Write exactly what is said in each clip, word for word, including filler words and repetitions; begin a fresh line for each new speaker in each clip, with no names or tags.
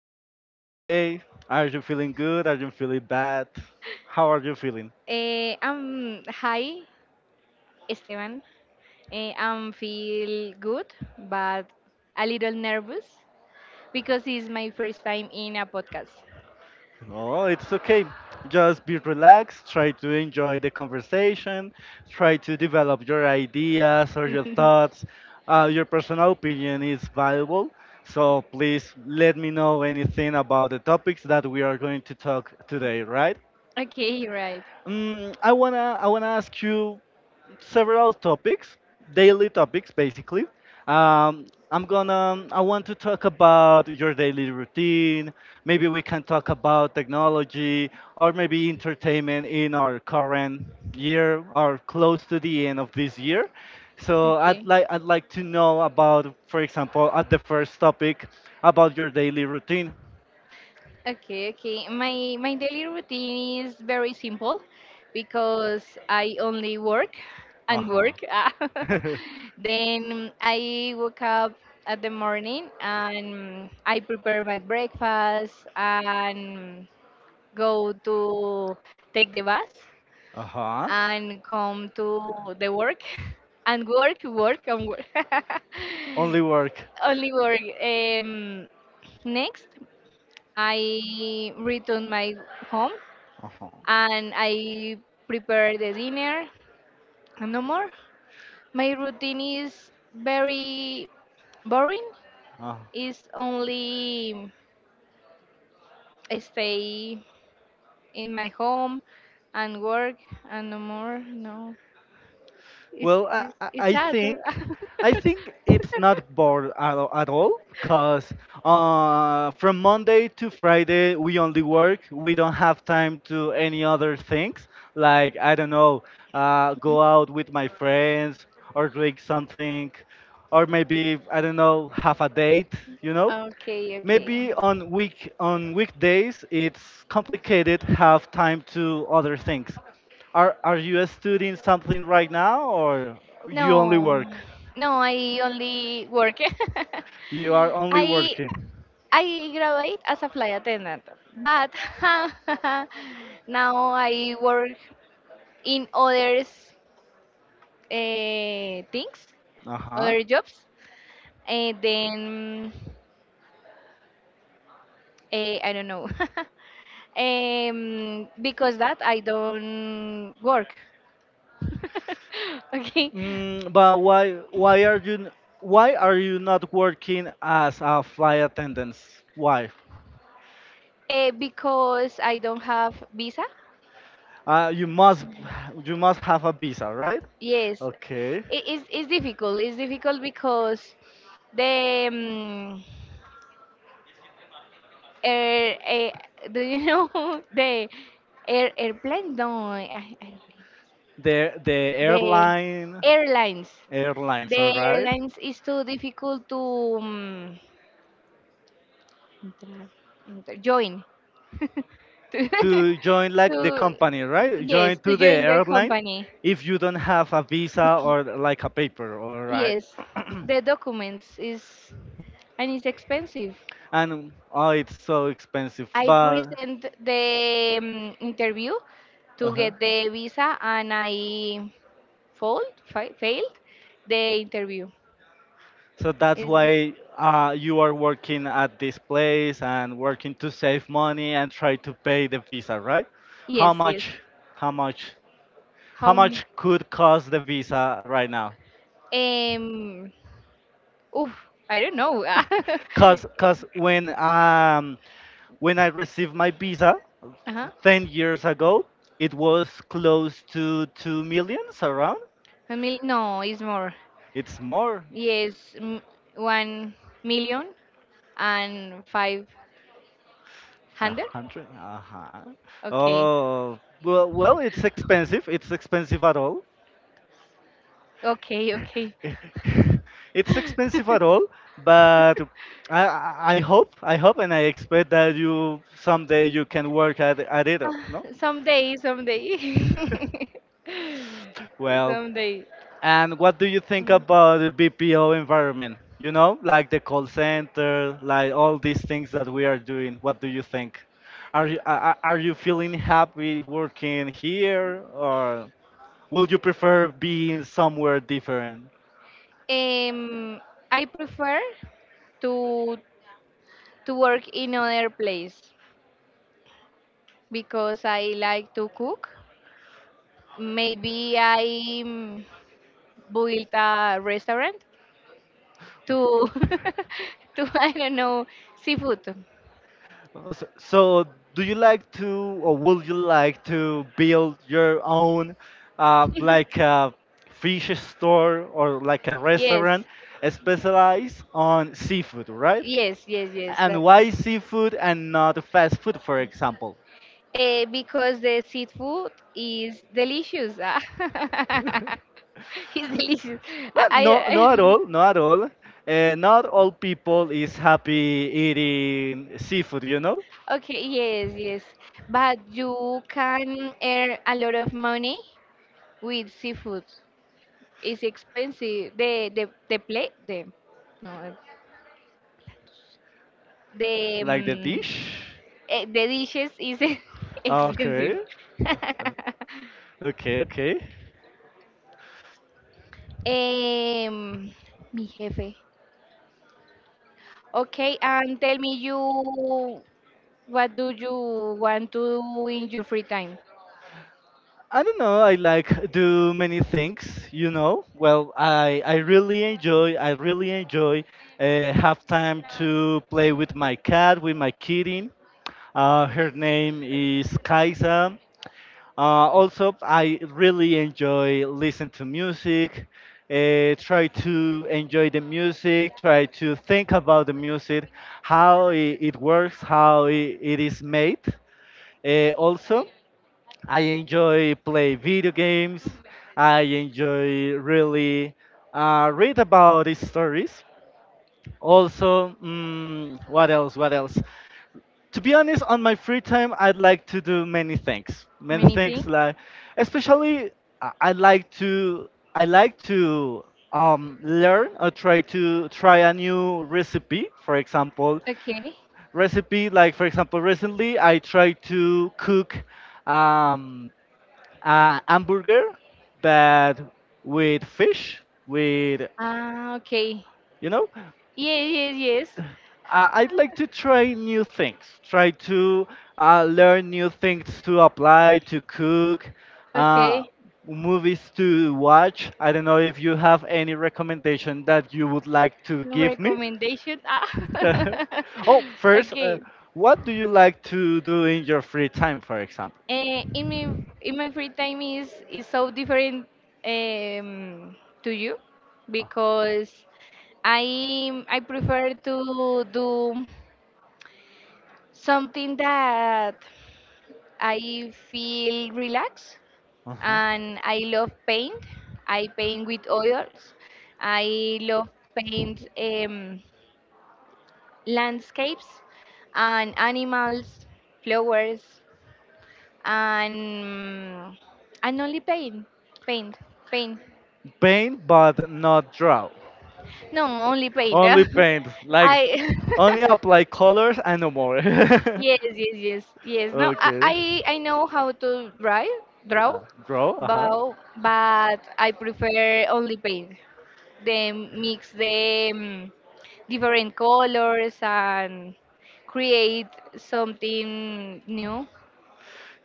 how is your day? Are you feeling good? Are you feeling bad? How are you feeling?
Eh, um, hi, Esteban. Eh, I'm feel good, but a little nervous because it's my first time in a podcast.
Oh, it's okay. Just be relaxed. Try to enjoy the conversation. Try to develop your ideas or your thoughts. Uh, your personal opinion is valuable. So please let me know anything about the topics that we are going to talk today, right?
Okay, right.
Mm, I wanna I wanna ask you several topics, daily topics basically. Um, I'm gonna, I want to talk about your daily routine. Maybe we can talk about technology or maybe entertainment in our current year or close to the end of this year. So I'd
Okay.
like I'd like to know about, for example, at the first topic about your daily routine.
Okay, okay. My my daily routine is very simple because I only work
Uh
and
huh.
work. Then I wake up at the morning and I prepare my breakfast and go to take the bus
uh huh.
and come to the work and work, work and work.
Only work.
Only worry. Um, Next, I return my home
Uh
and I prepare the dinner. And no more. My routine is very boring.
huh.
It's only I stay in my home and work and no more. No, it's
Well, I,
it's,
I I
it's sad.
think I think it's not bored at, all- at all because uh, from Monday to Friday we only work. We don't have time to any other things like I don't know, uh, go out with my friends or drink something, or maybe I don't know, have a date. You know,
Okay, okay.
maybe on week on weekdays it's complicated have time to other things. Are are you studying something right now, or you only
No,
work?
no, I only work.
You are only
I
working?
I graduate as a flight attendant, but now I work in others uh, things,
Uh-huh.
other jobs, and then eh, I don't know. um, because that I don't work. Okay.
Mm, but why why are you n- why are you not working as a flight attendant? Why?
Eh, because I don't have visa.
Uh, you must, you must have a visa, right?
Yes.
Okay.
It is it's difficult. It's difficult because the um, air, eh, do you know the air airplane? No, I, I don't know.
The the
The
airline,
airlines.
airlines, all
The
right.
airlines is too difficult to um, entrar- enter- join. to,
To join like the
to-
company, right?
yes,
Join to
to
the
join the
airline
company.
if you don't have a visa or like a paper, all right?
Yes, the documents is and it's expensive.
And oh, it's so expensive,
I
but
present the um, interview to
uh-huh.
get the visa and I failed, fa- failed the interview.
So that's
Is
why uh, you are working at this place and working to save money and try to pay the visa, right?
yes,
How
yes.
much? How much? How
How much?
much could cost the visa right now?
Um, oof, I don't know. Uh-huh.
Cause, cause when um when I received my visa
A
ten years ago, it was close to two millions around.
mil- no, it's more.
It's more.
Yes, m- one million and five
A
hundred.
hundred. Uh huh.
Okay,
Oh, well, well, it's expensive. It's expensive at all.
okay, okay.
It's expensive at all, but I, I I hope, I hope, and I expect that you someday you can work at, at it.
Ah,
No.
someday, someday.
Well,
Someday.
and what do you think about the B P O environment? You know, like the call center, like all these things that we are doing. What do you think? Are you are are- are you feeling happy working here, or would you prefer being somewhere different?
Mm. Um, I prefer to to work in other place because I like to cook. Maybe I mm, built a restaurant to to I don't know seafood.
Uh, So, so do you like to, or would you like to build your own, uh, like a fish store or like a
Yes.
restaurant specialized on seafood, right?
Yes, yes, yes.
And
That.
why seafood and not fast food, for example?
Eh, because the seafood is delicious. Ah. It's delicious. I,
Well,
I,
no, not
I-
all, not all. Uh, not all people is happy eating seafood, you know,
Okay, yes, yes. But you can earn a lot of money with seafood. It's expensive. The the the plate, the no, the
like the
um,
dish.
eh, the dishes is expensive.
Okay. Okay, okay.
um, mi jefe. Okay, and tell me you what do you want to do in your free time?
I don't know. I like do many things, you know. Well, I I really enjoy. I really enjoy uh, have time to play with my cat, with my kitten. Uh, her name is Kaisa. Uh, also, I really enjoy listen to music. Uh, try to enjoy the music. Try to think about the music, how it, it works, how it, it is made. Uh, also, I enjoy play video games. I enjoy really uh, read about his stories. Also, mm, what else? What else? To be honest, on my free time, I'd like to do many things. Many
Many things.
things like, especially, I I like to I like to um, learn or try to try a new recipe. For example,
Okay.
recipe like for example, recently I tried to cook um, uh, hamburger, but with fish, with,
Ah, okay.
you know,
Yes, yes, yes.
uh, I'd like to try new things, try to uh, learn new things to apply, to cook, uh,
Okay.
movies to watch. I don't know if you have any recommendation that you would like to give me.
Recommendation. Ah.
Oh, first, uh,
Okay.
what do you like to do in your free time, for example?
Eh, in my in my free time is is so different um, to you because I I prefer to do something that I feel relaxed
Uh huh.
and I love paint. I paint with oils. I love paint um, landscapes and animals, flowers, and mm, and only paint, paint, paint.
Paint, but not draw?
No, only paint.
Only paint, like
I
only apply colors and no more.
yes, yes, yes, yes. No, I
Okay.
I I know how to draw, draw,
Uh, Draw. Uh huh.
but but I prefer only paint. They mix the mm, different colors and create something new.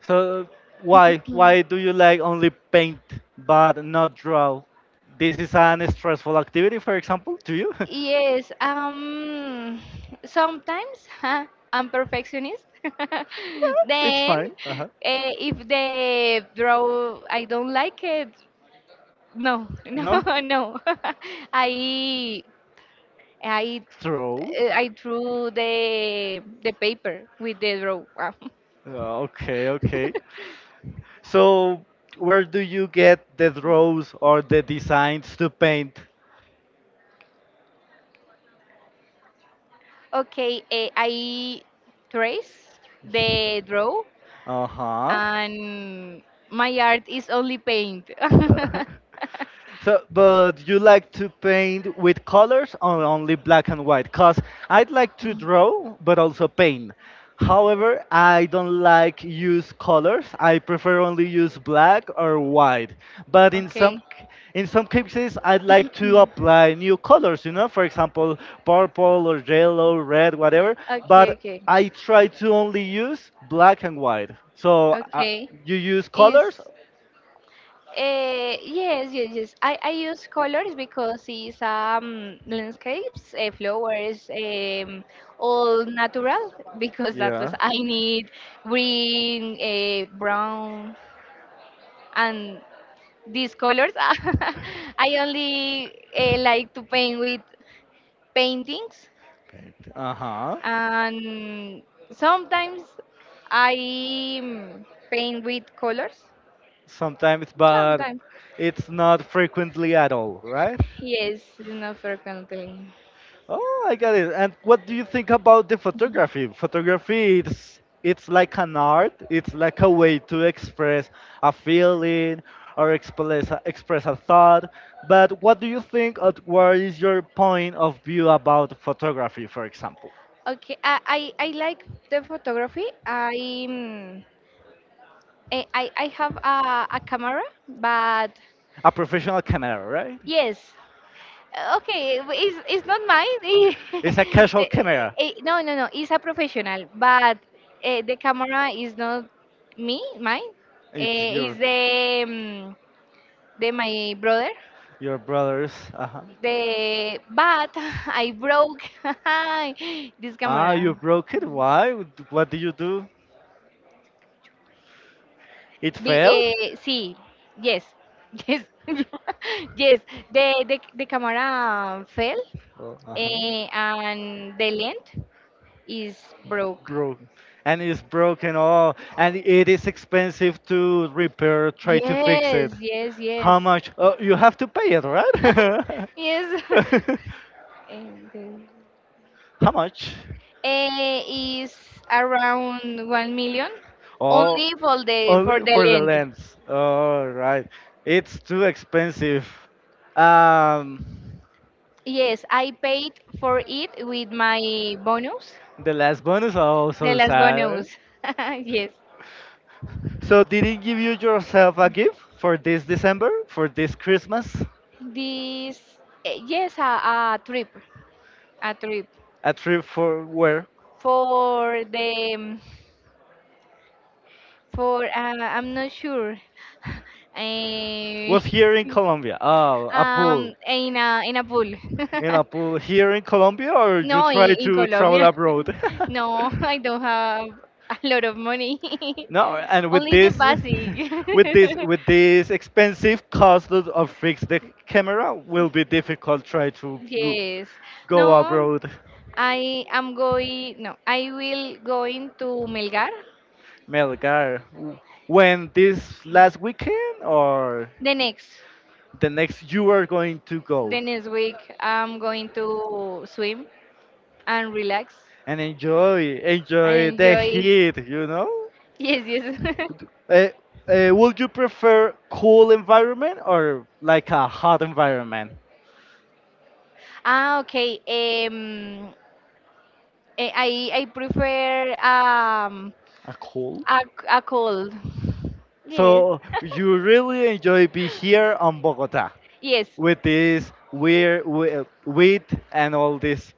So why why do you like only paint but not draw? This is an stressful activity, for example, to you?
Yes, um, sometimes huh, I'm perfectionist.
It's
Then,
fine. Uh-huh.
eh, if the draw I don't like it, no,
No?
no, no. I I
Throw.
eh, I drew the the paper with the draw.
Uh, Okay, okay. So where do you get the draws or the designs to paint?
Okay, eh, I trace the draw,
Uh huh.
and my art is only paint.
So, but you like to paint with colors or only black and white? Cause I'd like to draw, but also paint. However, I don't like use colors. I prefer only use black or white. But in
Okay.
some
Okay,
c- in some cases, I'd like to apply new colors. You know, for example, purple or yellow, red, whatever. But
okay,
I try to only use black and white. So uh,
okay.
you use colors.
Is Uh, yes, yes, yes. I, I use colors because it's um, landscapes, uh, flowers, um, all natural because that was
Yeah.
I
Right.
need green, uh, brown, and these colors. I only uh, like to paint with paintings,
Uh-huh.
and sometimes I mm, paint with colors.
Sometimes, but
Sometimes,
it's not frequently at all, right?
yes, not frequently.
Oh, I got it. And what do you think about the photography? Photography, it's it's like an art. It's like a way to express a feeling or express a, express a thought. But what do you think or what is your point of view about photography, for example?
Okay, I I, I like the photography. I mm, I, I I have a, a camera, but
A professional camera, right?
yes, Uh, okay, w- it's, it's not mine.
It's a casual
The-
camera.
eh, no, no, no, it's a professional, but uh, the camera is not me, mine.
It's
Uh, it's
your
the mm, the my brother.
your brothers. Uh-huh.
The but I broke this
Ah,
camera.
you broke it? Why? What did you do? It
Be,
fell?
eh, sí, yes, yes, yes. The, the, the camera fell
Oh, uh-huh.
eh, and the lens is broke.
Broken. And it's broken. Oh, and it is expensive to repair, try to fix it.
Yes, yes,
How
yes.
much? Oh, you have to pay it, right?
Yes. And then-
How much?
Eh, is around one million
Oh,
only for the for
only
the
for the
lens.
lens. All right. It's too expensive. Um,
Yes, I paid for it with my bonus.
the last bonus,
The
also
last
sad.
bonus. Yes.
So, did it give you yourself a gift for this December, for this Christmas?
This, eh, yes, a, a trip, a trip
A trip for where?
for the, um, for, uh, I'm not sure. Eh,
Was here in Colombia. Oh, a
um,
pool.
in a, in a pool.
In a pool here in Colombia, or you
No,
try
in, in
to travel
Colombia.
abroad?
No, I don't have a lot of money.
No, and with
Only the
this,
basic.
with this, with this expensive cost of of fix the camera will be difficult. Try to w-
Yes.
go
No,
abroad.
I am going. No, I will going to Melgar
Melgar. w- When, this last weekend, or
the next
the next you are going to go?
the next week. I'm going to swim and relax.
And enjoy,
And
enjoy the
enjoy.
heat, you know.
Yes, yes.
uh, uh, would you prefer cool environment or like a hot environment?
Ah, okay. Um, eh, I I prefer um
A cool?
a a cold. Yes.
So you really enjoy be here on bogota
Yes.
with this weird wi- with, and all this.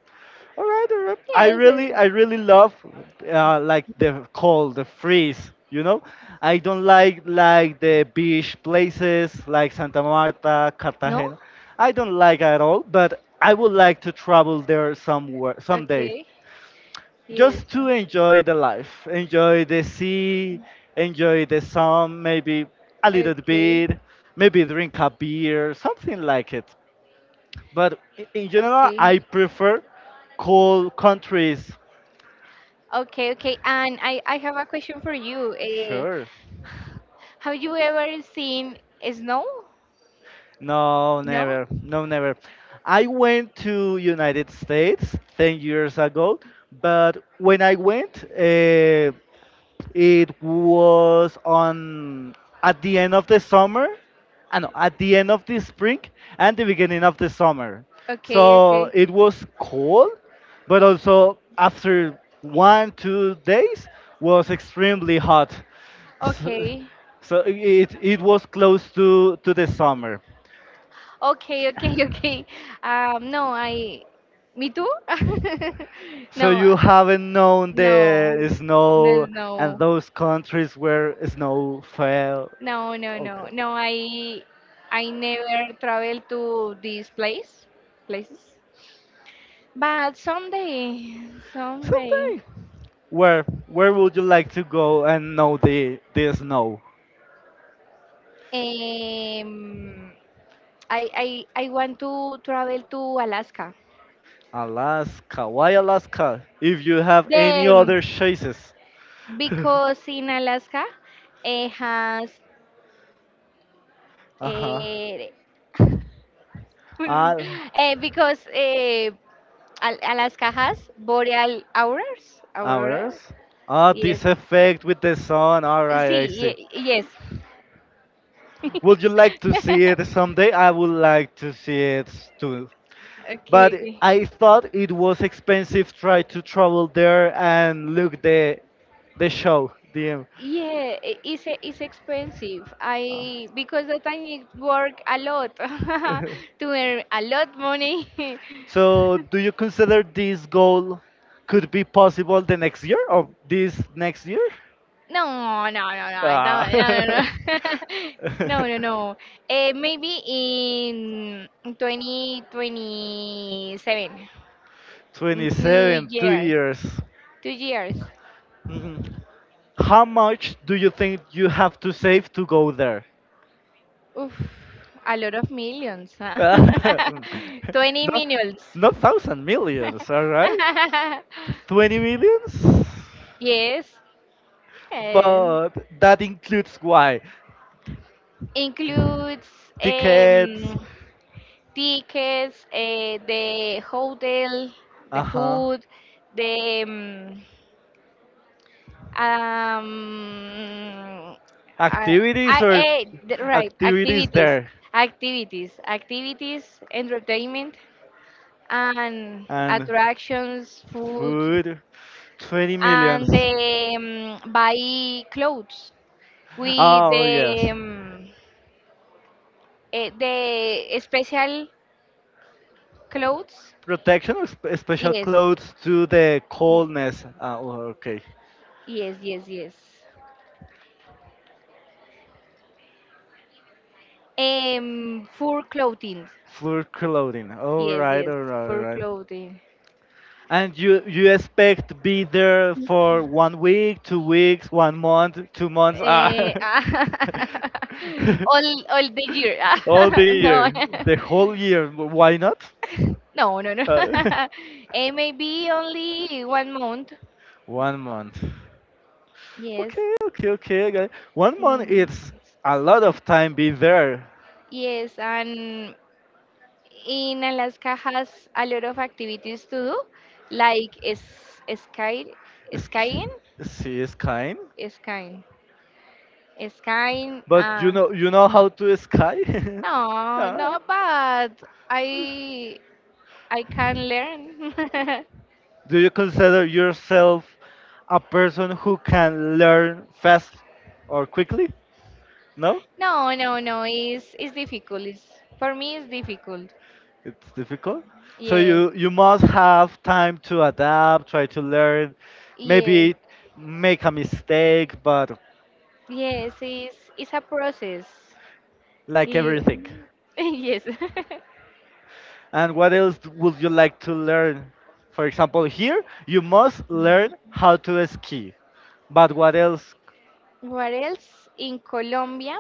All right, all right. I
Yes. Yes.
really, I really love uh, like the cold, the freeze. You know, I don't like like the beach places like Santa Marta,
No.
Cartagena. I don't like at all. But I would like to travel there somewhere someday,
Okay. Yes.
just to enjoy the life, enjoy the sea, enjoy the sun, maybe a little
Okay.
bit, maybe drink a beer, something like it. But i- in general, I prefer cold countries.
Okay, okay. And I, I have a question for you. Uh,
Sure.
have you ever seen snow?
No,
No?
never. No, never. I went to United States ten years ago, but when I went, uh, it was on at the end of the summer, uh, no, at the end of the spring and the beginning of the summer. So
Okay, okay.
it was cold, but also after one two days was extremely hot. So,
Okay.
so it it was close to to the summer.
Okay, okay, okay. Um, no, I. Me too?
So
No, uh,
you haven't known
no,
the snow
no.
and those countries where snow fell.
No, no, no,
Okay.
no. I I never travel to these place places. But someday, someday,
Someday. Where where would you like to go and know the the snow?
um, I I I want to travel to Alaska.
Alaska. Why Alaska? If you have any
Them.
other choices.
Because in Alaska it has
Uh-huh.
eh,
Ah,
eh, because eh, Al- Alaska has boreal auroras, aurora.
ours? Ah,
Yes.
this effect with the sun. All right,
Sí,
I
ye-
see.
yes. Okay,
Would you like to see it someday? I would like to see it s- too. But
okay.
I thought it was expensive try to travel there and look the the show. The,
Yeah, i- it's e- it's expensive.
uh,
I because that I need work a lot to earn a lot money.
so do you consider this goal could be possible the next year or this next year?
No, no, no, no. I Ah,
Ah.
don't. No, no, no. No, no, no. Uh, maybe in twenty twenty-seven. In two
twenty-seven, two
years.
years.
Two years.
Mhm. How much do you think you have to save to go there?
Oof. A lot of millions. Huh?
Not
twenty millions.
not thousand millions, all right? Twenty millions,
Yes. eh,
but that includes why
includes um,
tickets,
tickets, uh, the hotel, the
uh huh,
food, the. um, um uh,
activities
I,
or
eh, th- right
activities
activities?
there
Activities, activities, activities, entertainment and
and
attractions food
food, twenty
and
millions.
they um, buy clothes with
Oh yes.
the um, eh, the special clothes.
Protection or sp- special
Yes,
clothes to the coldness. Ah, oh, okay.
yes, yes, yes. Um, for clothing.
Fur clothing. All
Yes,
right,
yes,
all right, all
for
right.
clothing.
And you you expect to be there for one week, two weeks, one month, two months. Ah.
Eh, all all the year.
All the
No.
year, the whole year. Why not?
No, no, no.
Uh,
Eh, maybe only one month.
one month.
Yes.
Okay, okay, okay. I got it. One month
Um,
is a lot of time be there.
yes, and in Alaska has a lot of activities to do, like s- sky,
It's,
skiing,
see, it's kind.
skiing, skiing.
But you
Uh,
know, you know how to sky.
no,
Yeah.
no, but I I can learn.
Do you consider yourself a person who can learn fast or quickly? No,
No, no, no. It's it's difficult. It's, for me, it's difficult.
it's difficult. So
Yes,
you you must have time to adapt, try to learn,
yes,
maybe make a mistake, but
yes. It's it's a process.
like everything.
Y- yes.
And what else would you like to learn? For example, here you must learn how to ski. But what else?
What else? In Colombia.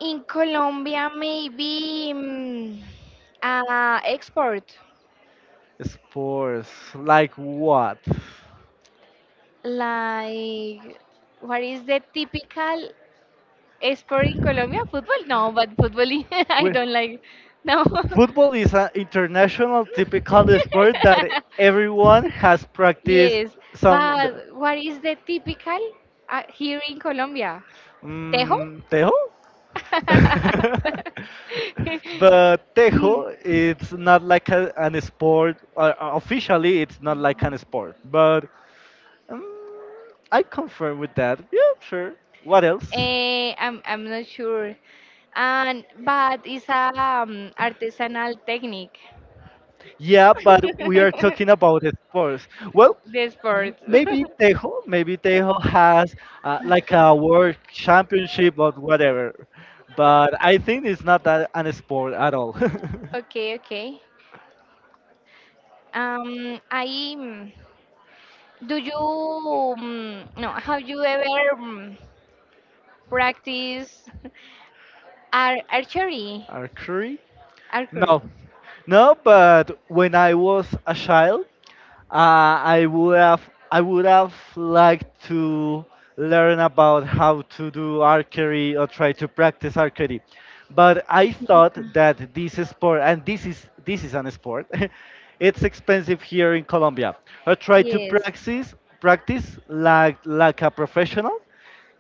In Colombia, maybe mm, uh, export.
Sports, like what?
Like, what is the typical export in Colombia? Football? No, but football I
We,
don't like. No.
football is an international typical sport that everyone has practiced
Yes,
some.
but what is the typical uh, here in Colombia? Tejo?
Mm, tejo? But
Mm.
tejo, it's not like a, an sport. Uh, officially, it's not like an sport. But um, I confirm with that. Yeah, sure. What else?
Eh, I'm I'm not sure. And but it's a um, artisanal technique.
An Yeah, but we are talking about the sports. Well,
The
m-
sports.
maybe Tejo, maybe Tejo has uh, like a world championship or whatever, but I think it's not that an sport at all.
Okay, okay. Um, I mm, do you um, no? Have you ever um, practice ar archery?
Archery?
Archery.
No, no. But when I was a child, uh, I would have I would have liked to learn about how to do archery or try to practice archery. But I thought that this sport and this is this is an sport. It's expensive here in Colombia. I try to
Yes.
practice practice like like a professional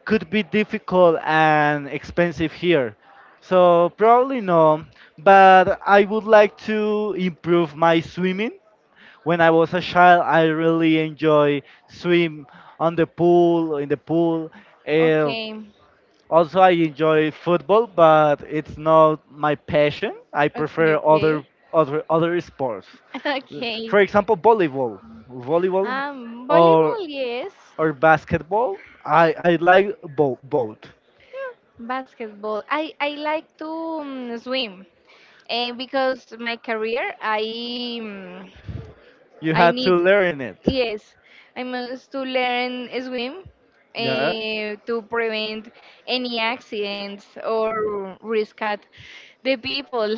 could be difficult and expensive here. So probably no, but I would like to improve my swimming. When I was a child, I really enjoy swim on the pool, in the pool. Uh,
Okay.
Also, I enjoy football, but it's not my passion. I
Okay,
prefer
okay.
other other other sports.
Okay.
For example, volleyball, volleyball,
Um,
or
volleyball, yes.
or basketball. I I like bo- both.
Basketball. I I like to um, swim. And because my career I mm,
You
I
had to
need
learn it.
yes I must to learn swim
Yeah.
uh, to prevent any accidents or risk at the people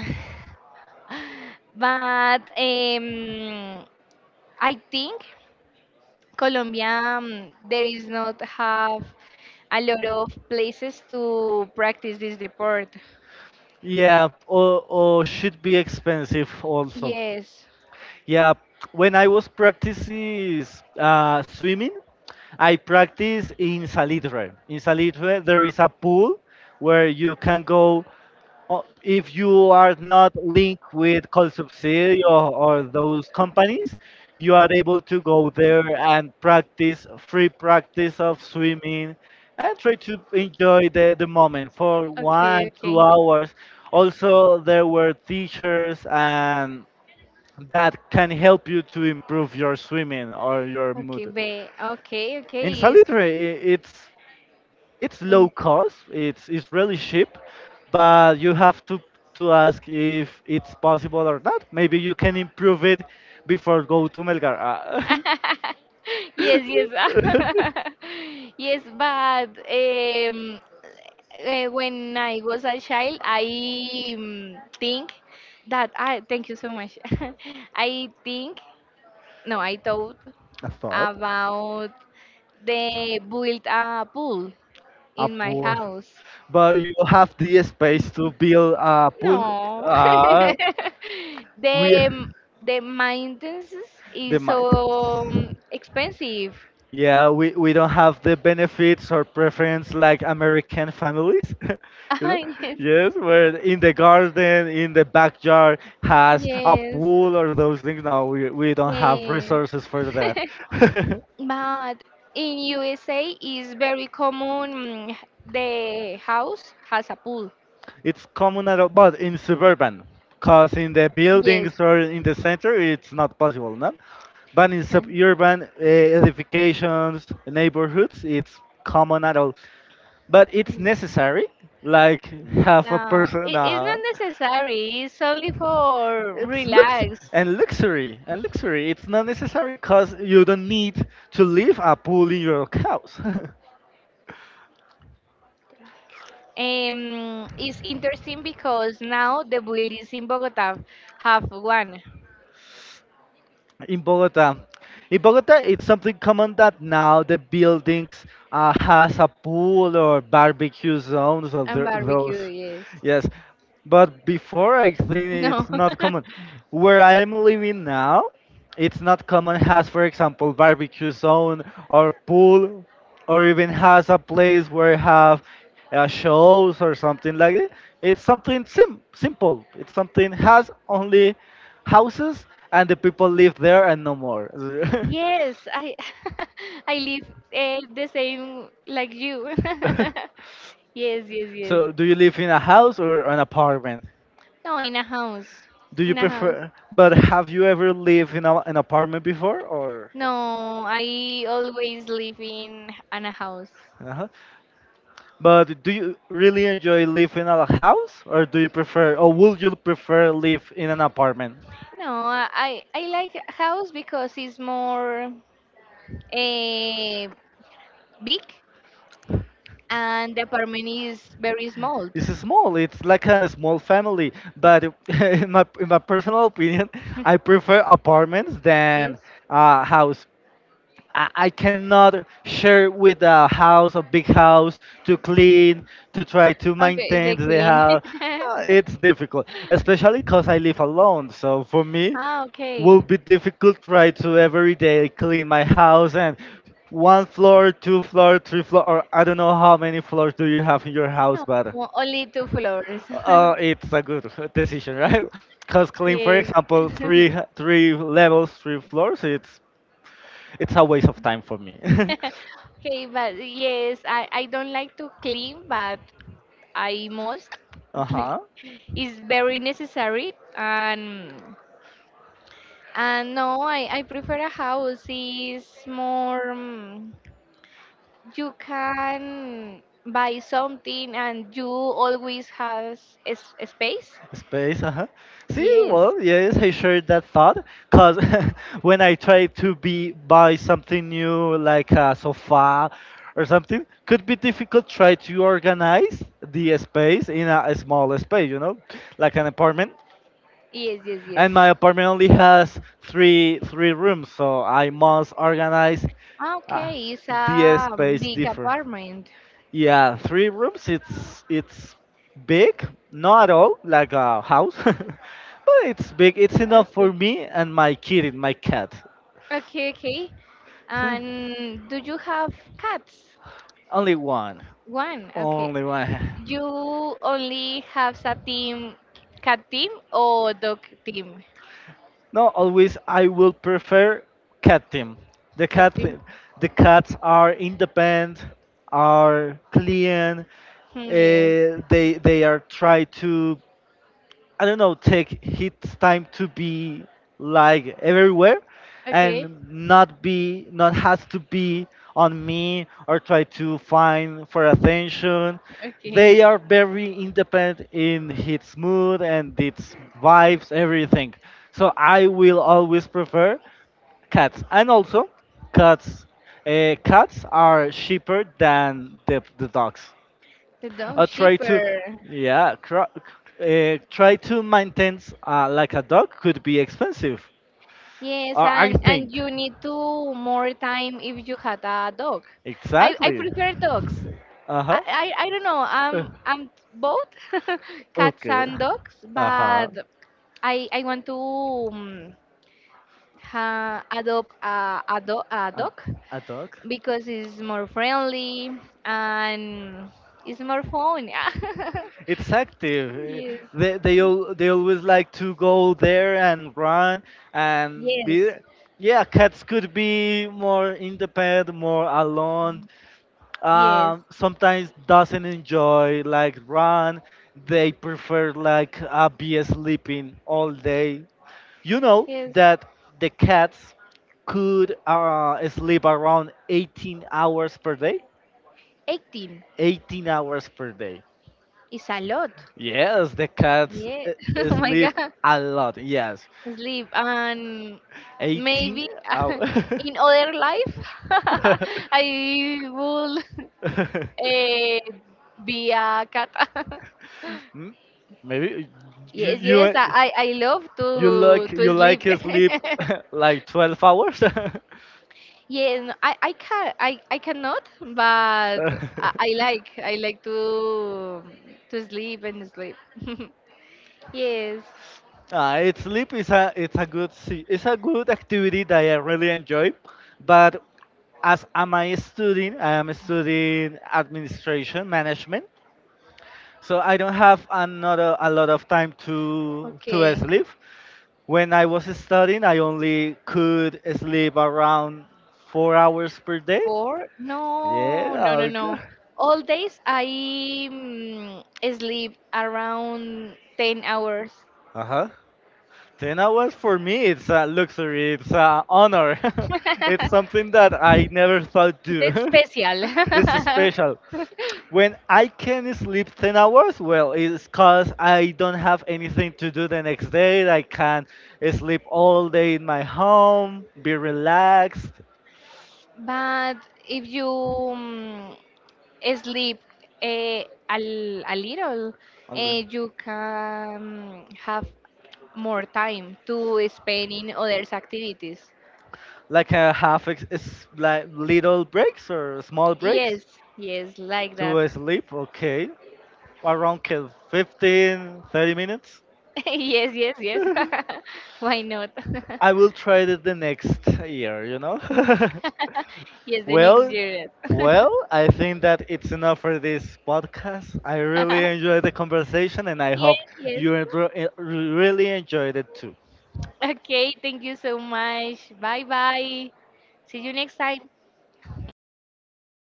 but um, I think colombia um, there is not have a lot of places to practice this sport.
Yeah, or, or should be expensive also.
Yes.
Yeah, when I was practicing uh, swimming, I practice in Salitre. In Salitre, there is a pool where you can go uh, if you are not linked with Colsubsidio or, or those companies. You are able to go there and practice free practice of swimming and try to enjoy the, the moment for one, two hours. Also, there were teachers and that can help you to improve your swimming or your
Okay,
mood.
be okay, okay.
In Salitre, I- it's it's low cost. It's it's really cheap, but you have to to ask if it's possible or not. Maybe you can improve it before go to Melgar. Ah.
Yes, yes. Yes, but um, uh, when I was a child, I um, think that I thank you so much. I think, no, I thought
A fob?
about the build a pool
A
in my
pool,
house.
but you have the space to build a pool.
No.
Ah,
The
we.
mm, the maintenance
They
is
might.
so um, expensive.
Yeah, we, we don't have the benefits or preference like American families, you know. Yes, where in the garden, in the backyard
Ah,
has a
yes.
pool or those things. No, we, we don't have
Yes.
resources for that.
Yes. But in U S A is very common mm, the house has a pool.
It's common at all, but in suburban, cause in the
Yes.
buildings or in the center, it's not possible, no. But in
Yeah.
suburban uh, edifications, neighborhoods, it's common at all. But it's necessary like half a
No,
person
it, it's
uh,
not necessary. It's only for
it's lux
relax.
and luxury and luxury it's not necessary because you don't need to leave a pool in your house.
Um, it's interesting because now the buildings in Bogota have one
In Bogota, in bogota it's something common that now the buildings uh, has a pool or barbecue zones or
and
th- those.
barbecue, yes.
Yes, but before I think
No.
it's not common where I am living now. It's not common has for example barbecue zone or pool or even has a place where have uh, shows or something like that. It's something sim- simple, it's something has only houses and the people live there and no more.
Yes, I I live uh, the same like you. Yes, yes, yes.
So do you live in a house or an apartment?
No, in a house.
Do you
In a house.
prefer but have you ever lived in a, an apartment before or
No, I always live in an a house.
in a? But do you really enjoy living in a house, or do you prefer, or would you prefer live in an apartment?
No, I I like house because it's more eh, big and the apartment is very small.
It's small. It's like a small family. But in my in my personal opinion, I prefer apartments than
Yes.
a house. I I cannot share with a house, a big house, to clean, to try to
Okay, is
maintain
it
the
clean?
house. Uh, It's difficult, especially because I live alone. So for me,
Ah,
will
okay.
be difficult try to every day clean my house and one floor, two floor, three floor, or I don't know how many floors do you have in your house,
No,
but
o- only two flowers.
uh, it's a good decision, right? Because clean, for
Yes.
example, three three levels, three floors, it's it's a waste of time for me.
Okay, but yes, I, I don't like to clean, but I must.
Uh huh.
It's very necessary, and and no, I, I prefer a house. Is more mm, you can buy something, and you always has a, s- a space.
Space, uh huh. See,
Yes.
well, yes, I shared that thought. Cause when I try to be buy something new, like a sofa or something, could be difficult. Try to organize the space in a, a small space, you know, like an apartment.
Yes, yes, yes.
And my apartment only has three three rooms, so I must organize
Ah,
uh,
okay, it's
the
a
space
big
differ.
apartment.
Yeah, three rooms. It's it's big, not at all like a house, but it's big. It's enough
Okay.
for me and my kitten, my cat.
Okay, okay.
So,
And do you have cats?
Only one,
One. Okay.
only one.
You only have a team, cat team or dog team?
No, always I will prefer cat team. The
Cat
cat,
team.
the cats are independent, are clean. Uh,
Hmm, yes.
they they are try to I don't know, take his time to be like everywhere
Okay.
and not be not has to be on me or try to find for attention.
Okay.
They are very independent in its mood and its vibes, everything. So I will always prefer cats and also cats uh, cats are cheaper than the, the dogs.
The dog
Uh, try to
shipper.
Yeah, cr- uh, try to maintain uh, like a dog could be expensive.
Yes,
uh, i
and and
think
you need to more time if you had a dog. I I
exactly.
prefer dogs. I
Uh-huh.
I, I don't know.
Uh,
I'm I'm both cats
okay.
and dogs,
Uh-huh.
but I I want to um, ha, adopt a, a, do, a
a,
dog
a dog
because it's more friendly and it's more fun.
it's active. Uh,
Yes.
they, they al- they always like to go there and run and
Yes.
be. Yeah, cats could be more independent more alone,
Yes.
um, sometimes doesn't enjoy like run. They prefer like uh, be sleeping all day. You know
Yes.
that the cats could uh, sleep around eighteen hours per day.
eighteen
eighteen hours per day.
is a lot.
Yes, the cats
Yeah.
uh, uh,
Oh my
sleep
God.
a lot. Yes,
Sleep. And
eighteen
maybe
hours.
in other life, I will eh, be a cat.
Hmm? Maybe you
Yes,
you.
yes.
uh,
I I I love
you
to
like you
to sleep.
like sleep like twelve hours?
Yes, no, I, I can I, I cannot, but I, I like I like to to sleep and sleep. Yes.
Ah, it's sleep is a it's a good se- it's a good activity that I really enjoy, but as am I studying, I am studying administration management, so I don't have another a lot of time to to
Okay.
sleep. When I was studying, I only could sleep around four hours per day.
Four? No, no,
Yeah,
no,
okay.
no. All days I mm, sleep around ten hours.
Uh huh. ten hours for me, it's a luxury, it's an honor. It's something that I never thought do.
It's special.
It's special. When I can sleep ten hours, well, it's because I don't have anything to do the next day. I can sleep all day in my home, be relaxed,
But if you um, sleep eh, a, l- a little,
all
eh,
day.
you can have more time to spend in others activities.
Like uh, half ex- s- like little breaks or small breaks.
Yes, yes, like that.
To sleep, okay. Around ca- fifteen, thirty minutes.
Yes, yes, yes. Why not?
I will try it the next year, you know?
Yes, the next
well,
year.
well, I think that it's enough for this podcast. I really enjoyed the conversation and I
Yes,
hope
yes.
you enro- eh, really enjoyed it too.
Okay, thank you so much. Bye bye. See you next time.